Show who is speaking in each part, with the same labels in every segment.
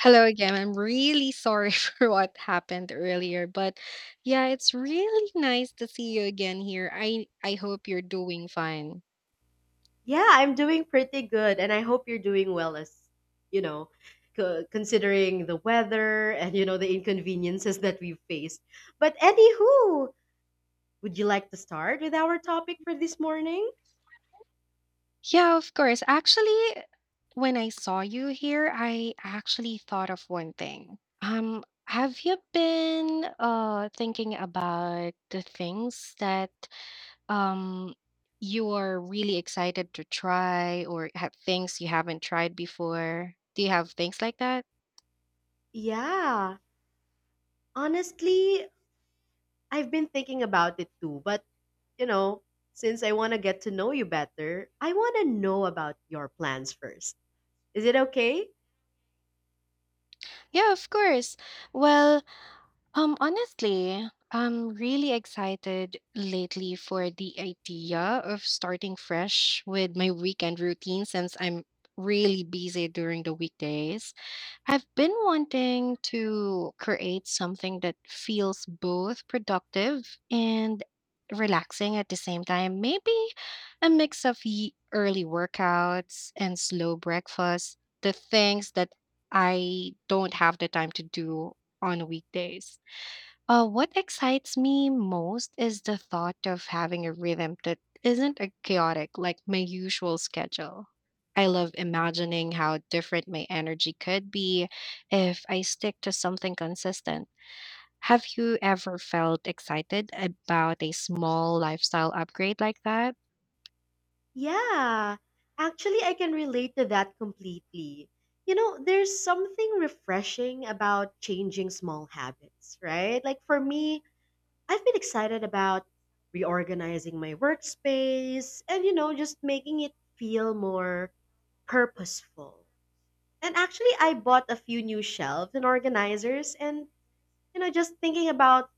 Speaker 1: Hello again. I'm really sorry for what happened earlier, but yeah, it's really nice to see you again here. I hope you're doing fine.
Speaker 2: Yeah, I'm doing pretty good, and I hope you're doing well as, you know, considering the weather and, the inconveniences that we've faced. But anywho, would you like to start with our topic for this morning?
Speaker 1: Yeah, of course. Actually, when I saw you here, I actually thought of one thing. Have you been thinking about the things that um you are really excited to try or have things you haven't tried before? Do you have things like that?
Speaker 2: Yeah, honestly, I've been thinking about it too, but, you know, since I want to get to know you better, I want to know about your plans first. Is it okay?
Speaker 1: Yeah, of course. Well, Honestly, I'm really excited lately for the idea of starting fresh with my weekend routine since I'm really busy during the weekdays. I've been wanting to create something that feels both productive and relaxing at the same time. Maybe a mix of early workouts and slow breakfast, the things that I don't have the time to do on weekdays. What excites me most is the thought of having a rhythm that isn't a chaotic like my usual schedule. I love imagining how different my energy could be if I stick to something consistent. Have you ever felt excited about a small lifestyle upgrade like that?
Speaker 2: Yeah, actually, I can relate to that completely. There's something refreshing about changing small habits, right? Like for me, I've been excited about reorganizing my workspace and, just making it feel more purposeful. And actually, I bought a few new shelves and organizers, and, just thinking about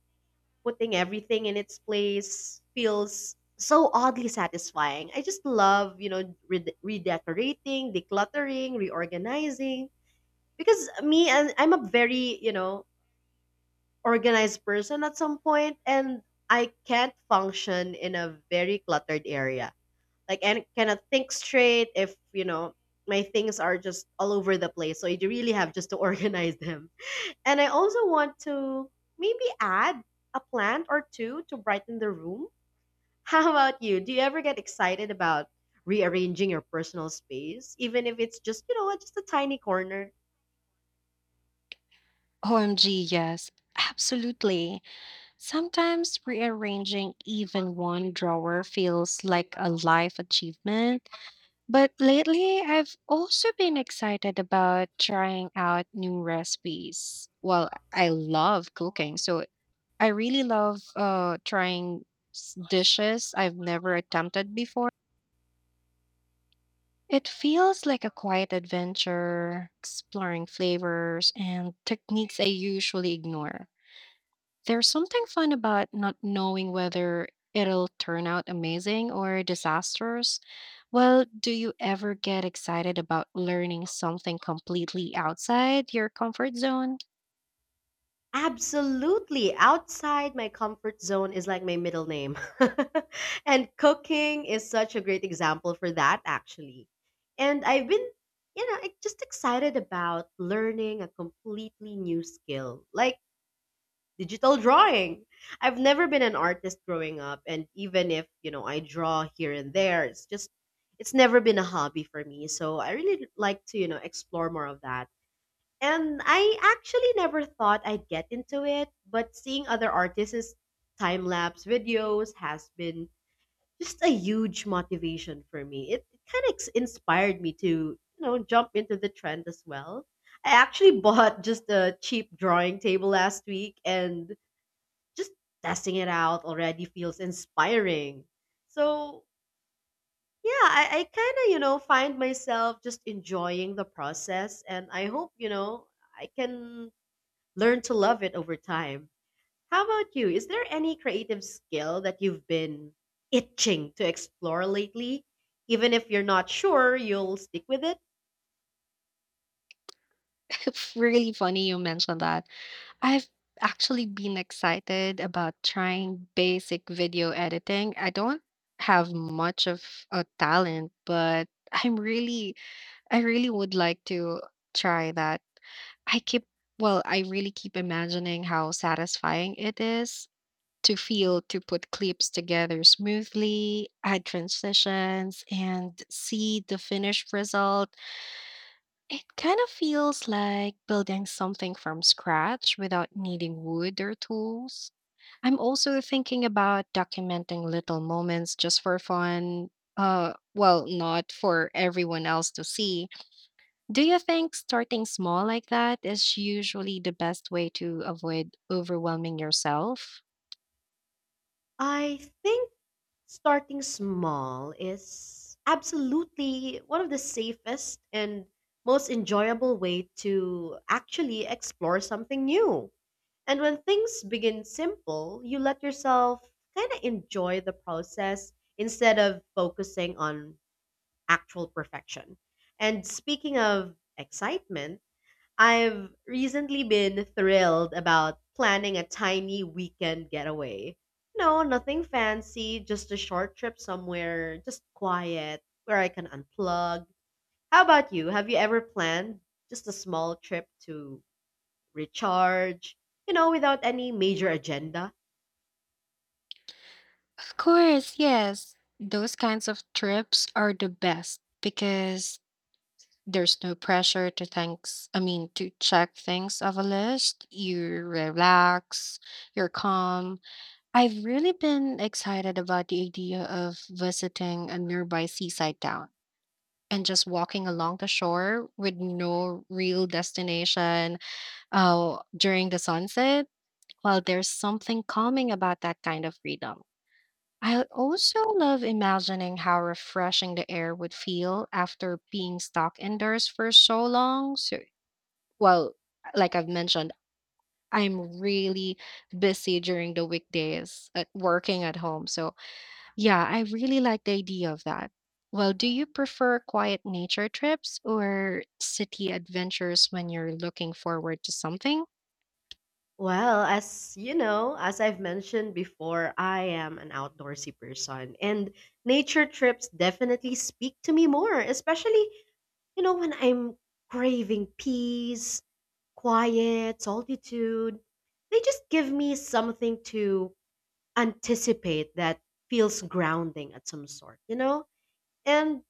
Speaker 2: putting everything in its place feels so oddly satisfying. I just love, redecorating, decluttering, reorganizing. Because me, and I'm a very, organized person at some point, and I can't function in a very cluttered area. Like, and cannot think straight if, my things are just all over the place. So I really have just to organize them. And I also want to maybe add a plant or two to brighten the room. How about you? Do you ever get excited about rearranging your personal space, even if it's just, just a tiny corner?
Speaker 1: OMG, yes, absolutely. Sometimes rearranging even one drawer feels like a life achievement. But lately, I've also been excited about trying out new recipes. Well, I love cooking, so I really love trying dishes I've never attempted before. It feels like a quiet adventure, exploring flavors and techniques I usually ignore. There's something fun about not knowing whether it'll turn out amazing or disastrous. Well, do you ever get excited about learning something completely outside your comfort zone?
Speaker 2: Absolutely. Outside my comfort zone is like my middle name. And cooking is such a great example for that, actually. And I've been, just excited about learning a completely new skill. Like, digital drawing. I've never been an artist growing up and even if, I draw here and there, it's just it's never been a hobby for me. So I really like to, explore more of that. And I actually never thought I'd get into it, but seeing other artists' time-lapse videos has been just a huge motivation for me. It kind of inspired me to, jump into the trend as well. I actually bought just a cheap drawing table last week and just testing it out already feels inspiring. So, yeah, I kind of, find myself just enjoying the process. And I hope, I can learn to love it over time. How about you? Is there any creative skill that you've been itching to explore lately? Even if you're not sure you'll stick with it?
Speaker 1: Really funny you mentioned that. I've actually been excited about trying basic video editing. I don't have much of a talent, but I'm really I really would like to try that. I keep I really keep imagining how satisfying it is to feel to put clips together smoothly, add transitions, and see the finished result. It kind of feels like building something from scratch without needing wood or tools. I'm also thinking about documenting little moments just for fun. Not for everyone else to see. Do you think starting small like that is usually the best way to avoid overwhelming yourself?
Speaker 2: I think starting small is absolutely one of the safest and most enjoyable way to actually explore something new. And when things begin simple, you let yourself kind of enjoy the process instead of focusing on actual perfection. And speaking of excitement, I've recently been thrilled about planning a tiny weekend getaway. No, nothing fancy, just a short trip somewhere, just quiet, where I can unplug. How about you? Have you ever planned just a small trip to recharge, without any major agenda?
Speaker 1: Of course, yes. Those kinds of trips are the best because there's no pressure to to check things off a list. You relax, you're calm. I've really been excited about the idea of visiting a nearby seaside town and just walking along the shore with no real destination. Oh, during the sunset? Well, there's something calming about that kind of freedom. I also love imagining how refreshing the air would feel after being stuck indoors for so long. So, well, like I've mentioned, I'm really busy during the weekdays at working at home. So, yeah, I really like the idea of that. Well, do you prefer quiet nature trips or city adventures when you're looking forward to something?
Speaker 2: Well, as you know, as I've mentioned before, I am an outdoorsy person, and nature trips definitely speak to me more, especially. You know, when I'm craving peace, quiet, solitude, they just give me something to anticipate that feels grounding at some sort, you know? And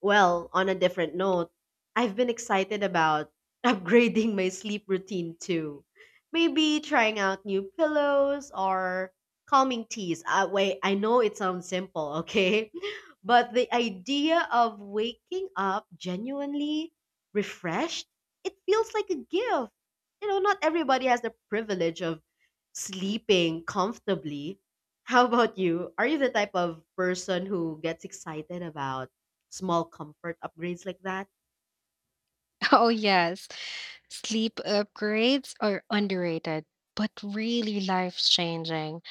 Speaker 2: well, on a different note, I've been excited about upgrading my sleep routine too. Maybe trying out new pillows or calming teas. Wait, I know it sounds simple, okay? But the idea of waking up genuinely refreshed, it feels like a gift. You know, not everybody has the privilege of sleeping comfortably. How about you? Are you the type of person who gets excited about small comfort upgrades like that?
Speaker 1: Oh, yes. Sleep upgrades are underrated, but really life-changing.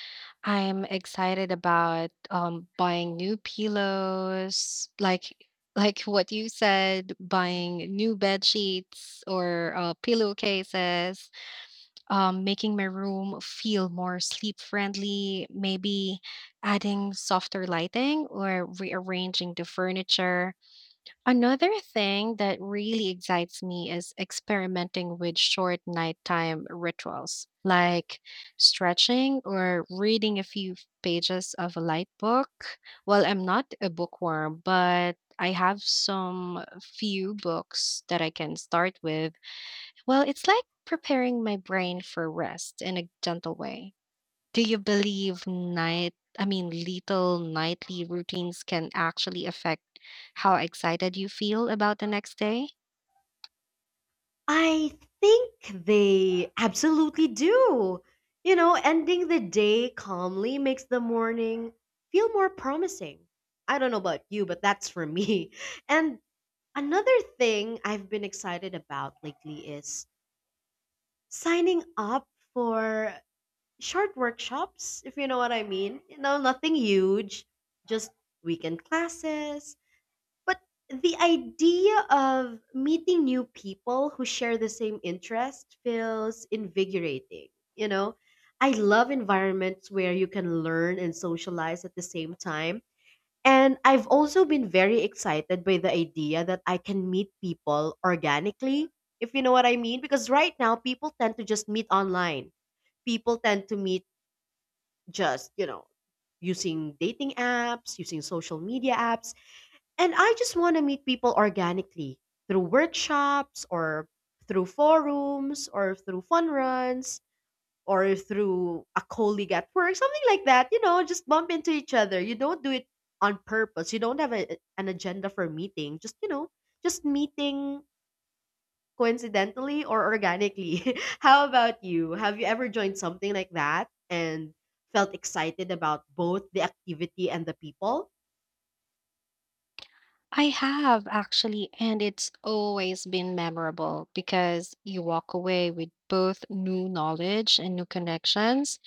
Speaker 1: I'm excited about buying new pillows, like what you said, buying new bed sheets or pillowcases, making my room feel more sleep-friendly, maybe adding softer lighting or rearranging the furniture. Another thing that really excites me is experimenting with short nighttime rituals, like stretching or reading a few pages of a light book. Well, I'm not a bookworm, but I have some few books that I can start with. Well, it's like preparing my brain for rest in a gentle way. Do you believe little nightly routines can actually affect how excited you feel about the next day?
Speaker 2: I think they absolutely do. You know, ending the day calmly makes the morning feel more promising. I don't know about you, but that's for me. And another thing I've been excited about lately is signing up for short workshops, if you know what I mean. You know, nothing huge, just weekend classes. But the idea of meeting new people who share the same interest feels invigorating, you know? I love environments where you can learn and socialize at the same time. And I've also been very excited by the idea that I can meet people organically, if you know what I mean. Because right now, people tend to just meet online. People tend to meet just, using dating apps, using social media apps and I just want to meet people organically through workshops or through forums or through fun runs or through a colleague at work, something like that. You know, just bump into each other. You don't do it on purpose. You don't have a, an agenda for meeting. Just, just meeting coincidentally or organically. How about you? Have you ever joined something like that and felt excited about both the activity and the people?
Speaker 1: I have actually, and it's always been memorable because you walk away with both new knowledge and new connections.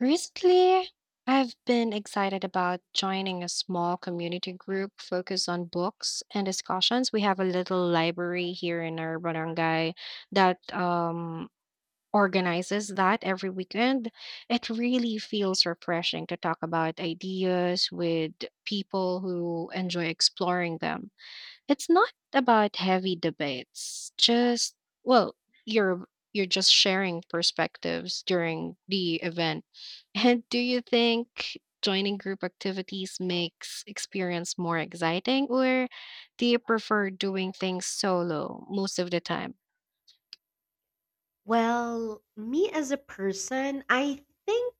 Speaker 1: Recently, I've been excited about joining a small community group focused on books and discussions. We have a little library here in our barangay that organizes that every weekend. It really feels refreshing to talk about ideas with people who enjoy exploring them. It's not about heavy debates, just, well, you're just sharing perspectives during the event. And do you think joining group activities makes experience more exciting, or do you prefer doing things solo most of the time?
Speaker 2: Well, me as a person, I think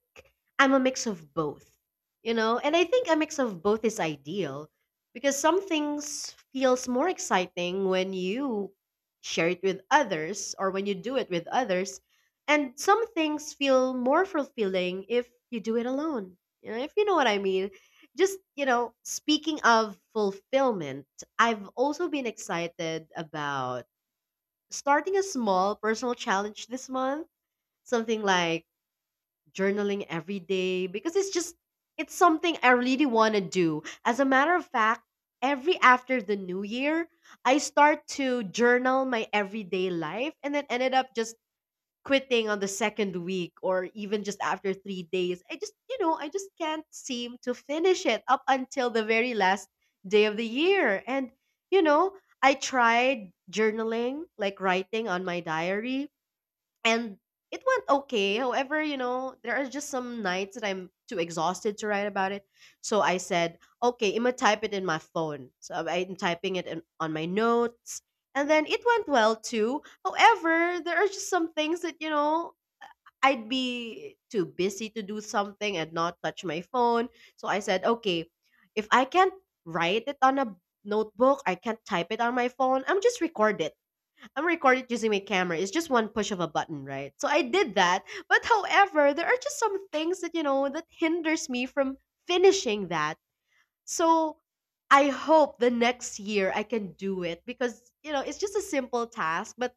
Speaker 2: I'm a mix of both, and I think a mix of both is ideal because some things feels more exciting when you share it with others or when you do it with others, and some things feel more fulfilling if you do it alone. You know, if you know what I mean. Just, speaking of fulfillment, I've also been excited about starting a small personal challenge this month, something like journaling every day because it's just it's something I really want to do. As a matter of fact, every after the new year, I start to journal my everyday life and then ended up just quitting on the second week or even just after 3 days. I just can't seem to finish it up until the very last day of the year. And, you know, I tried journaling, like writing on my diary, and it went okay. However, there are just some nights that I'm too exhausted to write about it. So I said, okay, I'm gonna type it in my phone. So I'm typing it in, on my notes. And then it went well too. However, there are just some things that, I'd be too busy to do something and not touch my phone. So I said, okay, if I can't write it on a notebook, I can't type it on my phone, I'm just record it I'm recorded using my camera. It's just one push of a button, right? So I did that. But however, there are just some things that, that hinders me from finishing that. So I hope the next year I can do it because, it's just a simple task, but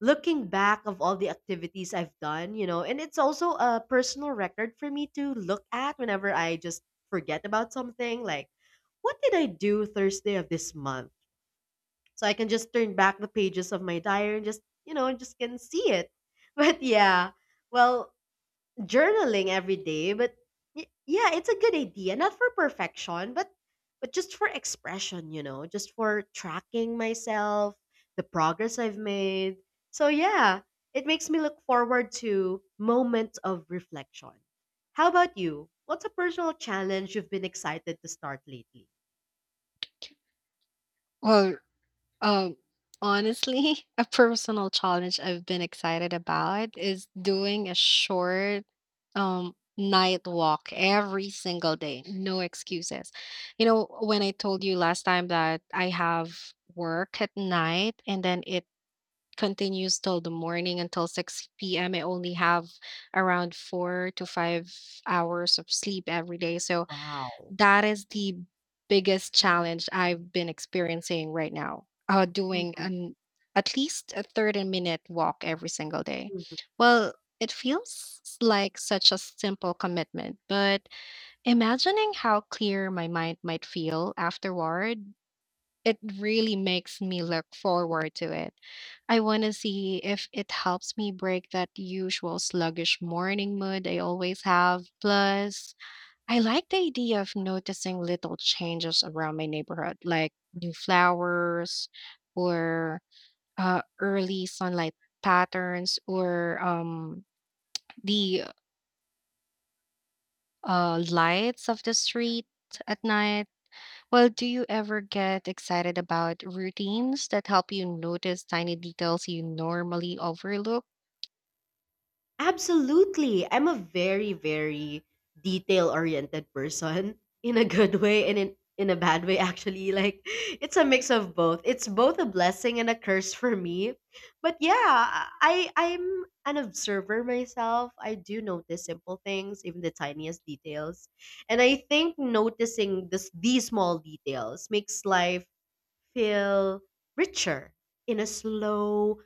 Speaker 2: looking back of all the activities I've done, and it's also a personal record for me to look at whenever I just forget about something like what did I do Thursday of this month? So I can just turn back the pages of my diary and just just can see it. But yeah, well, journaling every day, but yeah, it's a good idea, not for perfection, but just for expression, just for tracking myself, the progress I've made. So yeah, it makes me look forward to moments of reflection. How about you? What's a personal challenge you've been excited to start lately?
Speaker 1: Well, Um, Honestly, a personal challenge I've been excited about is doing a short night walk every single day. No excuses. You know, when I told you last time that I have work at night and then it continues till the morning until 6 p.m., I only have around 4 to 5 hours of sleep every day. So
Speaker 2: Wow.
Speaker 1: that is the biggest challenge I've been experiencing right now, doing
Speaker 2: Mhm.
Speaker 1: an at least a 30-minute walk every single day. Well, it feels like such a simple commitment, but imagining how clear my mind might feel afterward, it really makes me look forward to it. I want to see if it helps me break that usual sluggish morning mood I always have. Plus, I like the idea of noticing little changes around my neighborhood, like new flowers or early sunlight patterns or the lights of the street at night. Well, do you ever get excited about routines that help you notice tiny details you normally overlook?
Speaker 2: Absolutely. I'm a very, very detail oriented person in a good way and in a bad way, actually. Like, it's a mix of both. It's both a blessing and a curse for me. But yeah, I'm an observer myself. I do notice simple things, even the tiniest details. And I think noticing these small details makes life feel richer in a slow,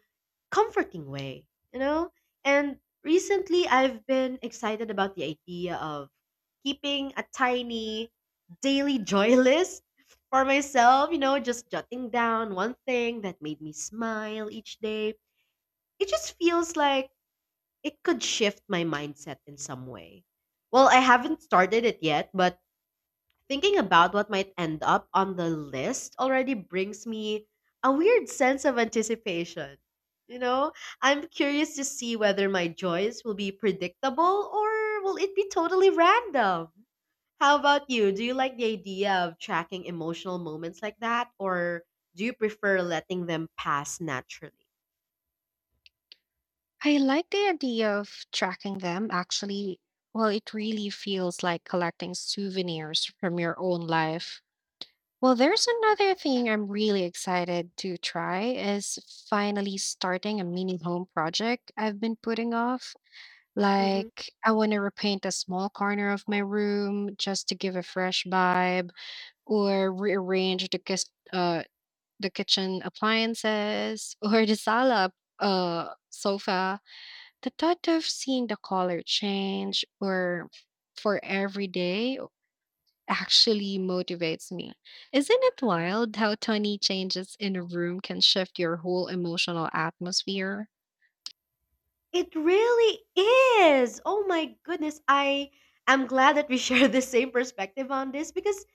Speaker 2: comforting way, you know? And recently I've been excited about the idea of keeping a tiny daily joy list for myself, just jotting down one thing that made me smile each day. It just feels like it could shift my mindset in some way. Well, I haven't started it yet, but thinking about what might end up on the list already brings me a weird sense of anticipation. You know, I'm curious to see whether my joys will be predictable or will it be totally random. How about you? Do you like the idea of tracking emotional moments like that, or do you prefer letting them pass naturally?
Speaker 1: I like the idea of tracking them actually. Well, it really feels like collecting souvenirs from your own life. Well, there's another thing I'm really excited to try is finally starting a mini home project I've been putting off.
Speaker 2: Hmm.
Speaker 1: Like, I want to repaint a small corner of my room just to give a fresh vibe, or rearrange the the kitchen appliances, or the sala sofa. The thought of seeing the color change, or for every day actually motivates me. Isn't it wild how tiny changes in a room can shift your whole emotional atmosphere?
Speaker 2: It really is. Oh my goodness. I am glad that we share the same perspective on this because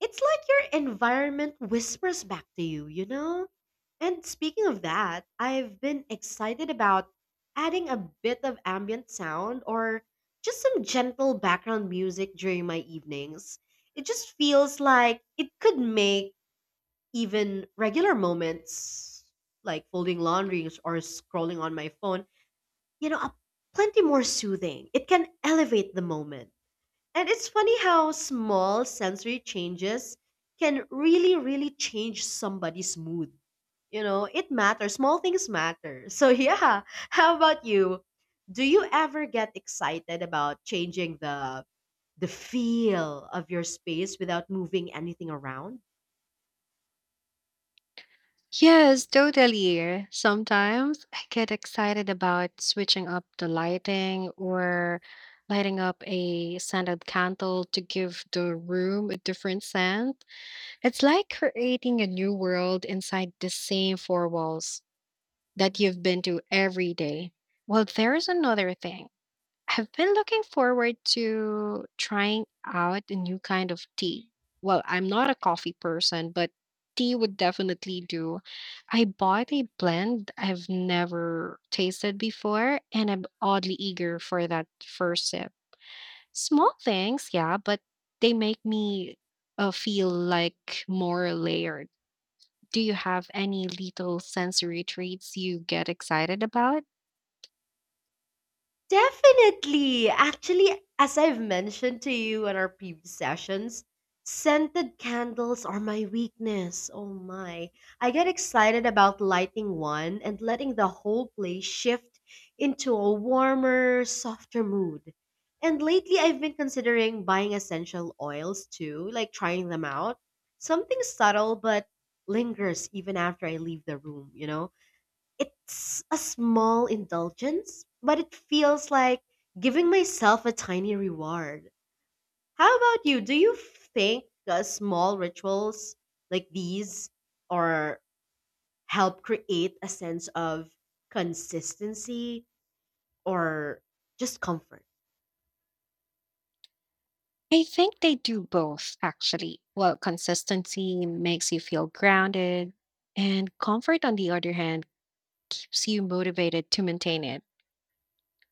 Speaker 2: it's like your environment whispers back to you, you know? And speaking of that, I've been excited about adding a bit of ambient sound or just some gentle background music during my evenings. It just feels like it could make even regular moments like folding laundry or scrolling on my phone, a plenty more soothing. It can elevate the moment. And it's funny how small sensory changes can really, really change somebody's mood. You know, it matters. Small things matter. So, yeah, how about you? Do you ever get excited about changing the feel of your space without moving anything around?
Speaker 1: Yes, totally. Sometimes I get excited about switching up the lighting or lighting up a scented candle to give the room a different scent. It's like creating a new world inside the same four walls that you've been to every day. Well, there's another thing. I've been looking forward to trying out a new kind of tea. Well, I'm not a coffee person, but tea would definitely do. I bought a blend I've never tasted before, and I'm oddly eager for that first sip. Small things, yeah, but they make me feel like more layered. Do you have any little sensory treats you get excited about?
Speaker 2: Definitely. Actually, as I've mentioned to you in our previous sessions, scented candles are my weakness. Oh my. I get excited about lighting one and letting the whole place shift into a warmer, softer mood. And lately, I've been considering buying essential oils too, like trying them out. Something subtle but lingers even after I leave the room, you know? It's a small indulgence, but it feels like giving myself a tiny reward. How about you? Do you think small rituals like these or help create a sense of consistency or just comfort?
Speaker 1: I think they do both, actually. Well, consistency makes you feel grounded, and comfort, on the other hand, keeps you motivated to maintain it.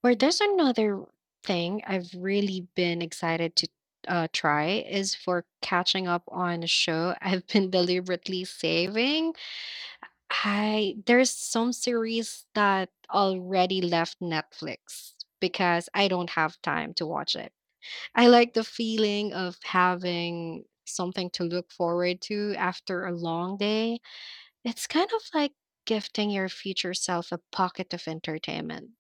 Speaker 1: Or there's another thing I've really been excited to try is for catching up on a show I've been deliberately saving. I There's some series that already left Netflix because I don't have time to watch it. I like the feeling of having something to look forward to after a long day. It's kind of like gifting your future self a pocket of entertainment.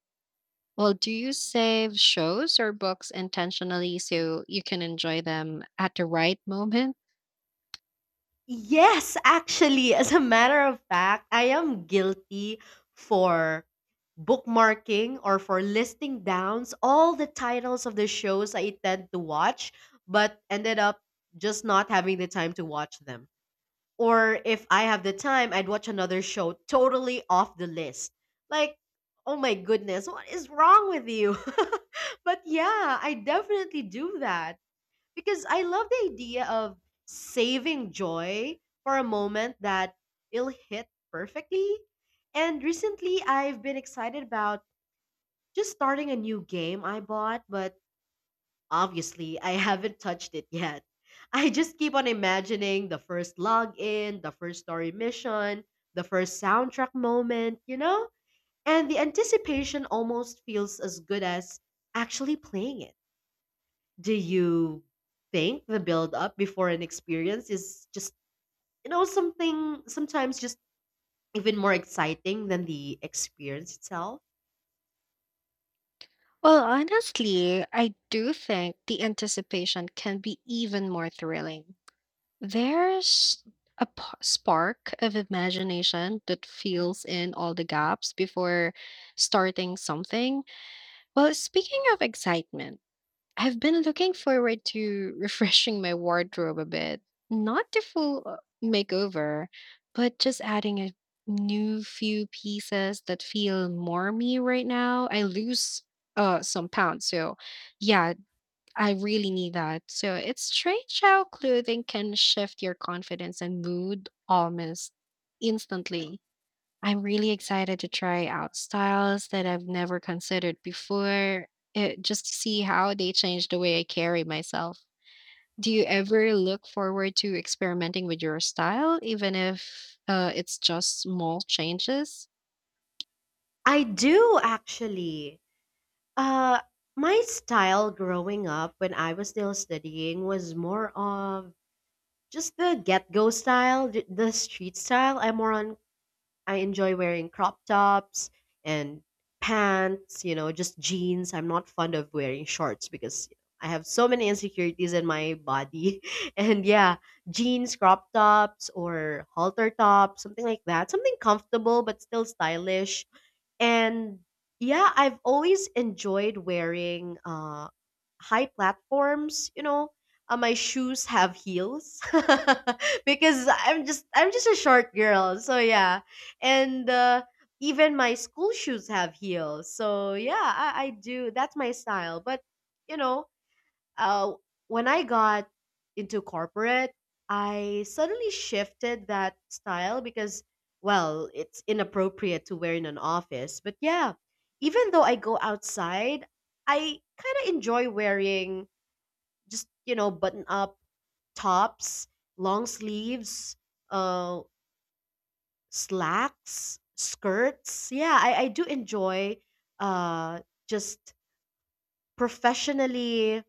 Speaker 1: Well, do you save shows or books intentionally so you can enjoy them at the right moment?
Speaker 2: Yes, actually, as a matter of fact, I am guilty for bookmarking or for listing downs all the titles of the shows I tend to watch, but ended up just not having the time to watch them. Or if I have the time, I'd watch another show totally off the list. Like, oh my goodness, what is wrong with you? But yeah, I definitely do that because I love the idea of saving joy for a moment that it'll hit perfectly. And recently, I've been excited about just starting a new game I bought, but obviously, I haven't touched it yet. I just keep on imagining the first login, the first story mission, the first soundtrack moment, you know? And the anticipation almost feels as good as actually playing it. Do you think the build up before an experience is just, you know, something sometimes just even more exciting than the experience itself?
Speaker 1: Well, honestly, I do think the anticipation can be even more thrilling. There's a spark of imagination that fills in all the gaps before starting something. Well, speaking of excitement, I've been looking forward to refreshing my wardrobe a bit. Not the full makeover, but just adding a new few pieces that feel more me right now. I lose some pounds, so yeah, I really need that. So it's strange how clothing can shift your confidence and mood almost instantly. I'm really excited to try out styles that I've never considered before, eh, just to see how they change the way I carry myself. Do you ever look forward to experimenting with your style, even if it's just small changes?
Speaker 2: I do actually. Uh, my style growing up when I was still studying was more of just the get go style, the street style. I'm more on I enjoy wearing crop tops and pants, you know, just jeans. I'm not fond of wearing shorts because I have so many insecurities in my body. And yeah, jeans, crop tops, or halter tops, something like that. Something comfortable but still stylish and yeah, I've always enjoyed wearing high platforms, you know. My shoes have heels because I'm just a short girl. So yeah. And even my school shoes have heels. So yeah, I do. That's my style. But you know, uh, when I got into corporate, I suddenly shifted that style because, well, it's inappropriate to wear in an office. But yeah, even though I go outside, I kind of enjoy wearing just, you know, button up tops, long sleeves, uh, slacks, skirts. Yeah, I do enjoy uh, just professionally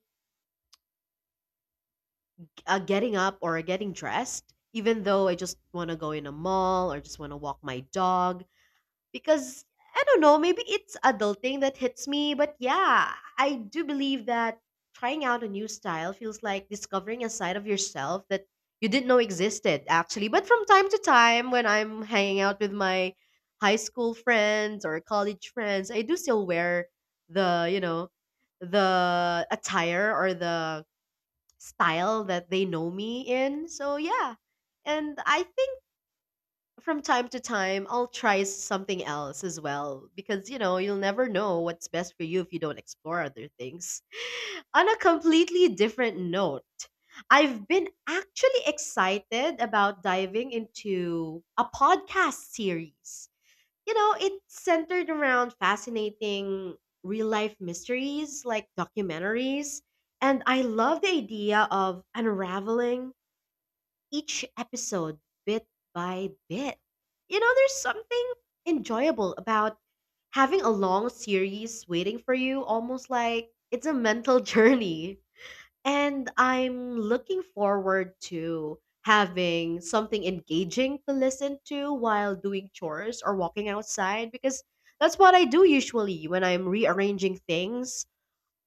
Speaker 2: getting up or getting dressed, even though I just want to go in a mall or just want to walk my dog. Because I don't know, maybe it's adulting that hits me, but yeah, I do believe that trying out a new style feels like discovering a side of yourself that you didn't know existed, actually. But from time to time, when I'm hanging out with my high school friends or college friends, I do still wear the, you know, the attire or the style that they know me in. So yeah. And I think from time to time I'll try something else as well because you know, you'll never know what's best for you if you don't explore other things. On a completely different note, I've been actually excited about diving into a podcast series. You know, it's centered around fascinating real life mysteries like documentaries. And I love the idea of unraveling each episode bit by bit. You know, there's something enjoyable about having a long series waiting for you, almost like it's a mental journey. And I'm looking forward to having something engaging to listen to while doing chores or walking outside because that's what I do usually when I'm rearranging things.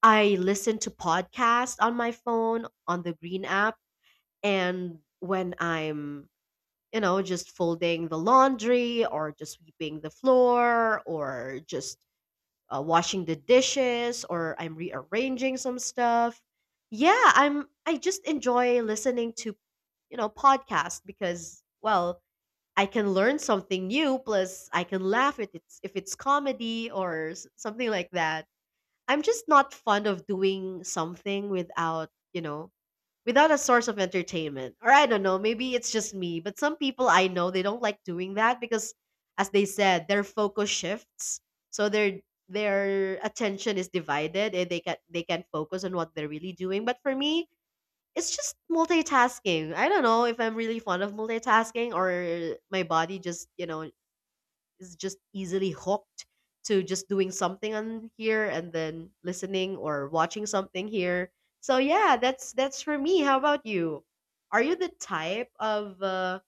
Speaker 2: I listen to podcasts on my phone on the Green app and when I'm, you know, just folding the laundry or just sweeping the floor or just washing the dishes or I'm rearranging some stuff. Yeah, I just enjoy listening to, you know, podcasts because well, I can learn something new plus I can laugh if it's comedy or something like that. I'm just not fond of doing something without, you know, without a source of entertainment. Or I don't know, maybe it's just me, but some people I know they don't like doing that because as they said, their focus shifts. So their attention is divided and they can focus on what they're really doing. But for me, it's just multitasking. I don't know if I'm really fond of multitasking or my body just, you know, is just easily hooked to just doing something on here and then listening or watching something here. So yeah, that's for me. How about you? Are you the type of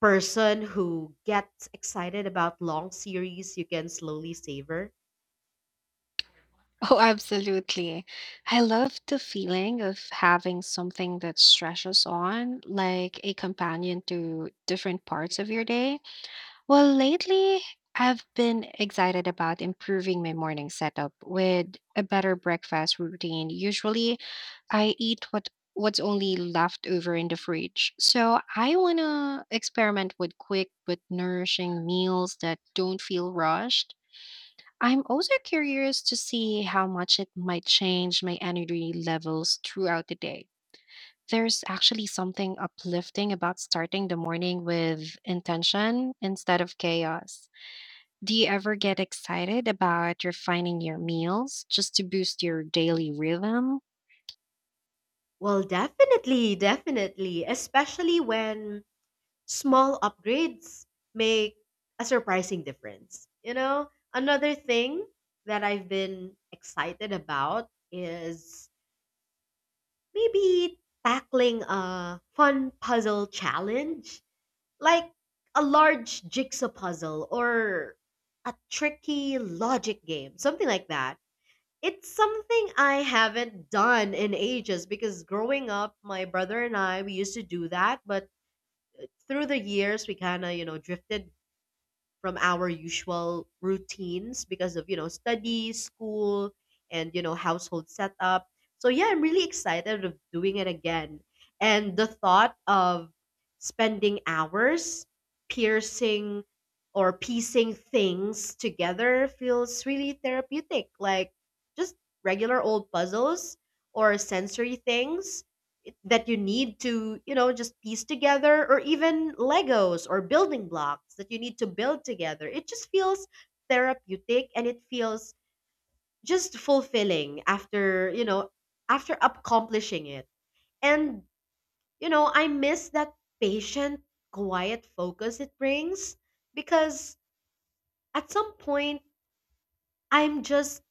Speaker 2: person who gets excited about long series you can slowly savor?
Speaker 1: Oh, absolutely. I love the feeling of having something that stretches on, like a companion to different parts of your day. Well, lately, I've been excited about improving my morning setup with a better breakfast routine. Usually, I eat what's only left over in the fridge. So, I want to experiment with quick but nourishing meals that don't feel rushed. I'm also curious to see how much it might change my energy levels throughout the day. There's actually something uplifting about starting the morning with intention instead of chaos. Do you ever get excited about refining your meals just to boost your daily rhythm?
Speaker 2: Well, definitely, definitely, especially when small upgrades make a surprising difference. You know, another thing that I've been excited about is maybe tackling a fun puzzle challenge, like a large jigsaw puzzle or a tricky logic game, something like that. It's something I haven't done in ages because growing up, my brother and I, we used to do that, but through the years, we kind of, you know, drifted from our usual routines because of you know studies school and you know household setup so yeah, I'm really excited of doing it again. And the thought of spending hours piercing or piecing things together feels really therapeutic, like just regular old puzzles or sensory things that you need to, you know, just piece together, or even Legos or building blocks that you need to build together. It just feels therapeutic and it feels just fulfilling after, you know, after accomplishing it. And, you know, I miss that patient, quiet focus it brings because at some point, I'm just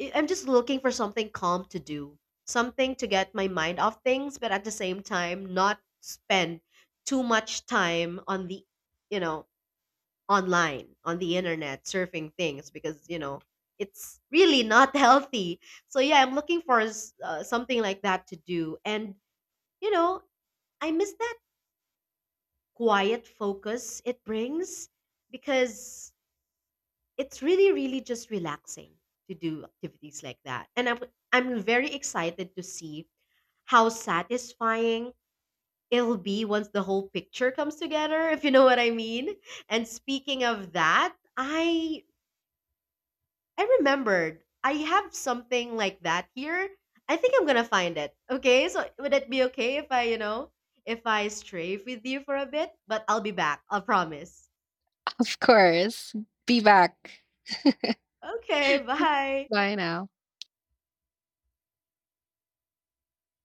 Speaker 2: I am just looking for something calm to do, something to get my mind off things, but at the same time not spend too much time on the, you know, online, on the internet surfing things because, you know, it's really not healthy. So yeah, I'm looking for something like that to do. And, you know, I miss that quiet focus it brings because it's really, really just relaxing to do activities like that. And I'm very excited to see how satisfying it'll be once the whole picture comes together, if you know what I mean. And speaking of that, I remembered I have something like that here. I think I'm gonna find it. Okay, so would it be okay if I, you know, if I strafe with you for a bit? But I'll be back. I'll promise.
Speaker 1: Of course. Be back.
Speaker 2: Okay, bye.
Speaker 1: Bye now.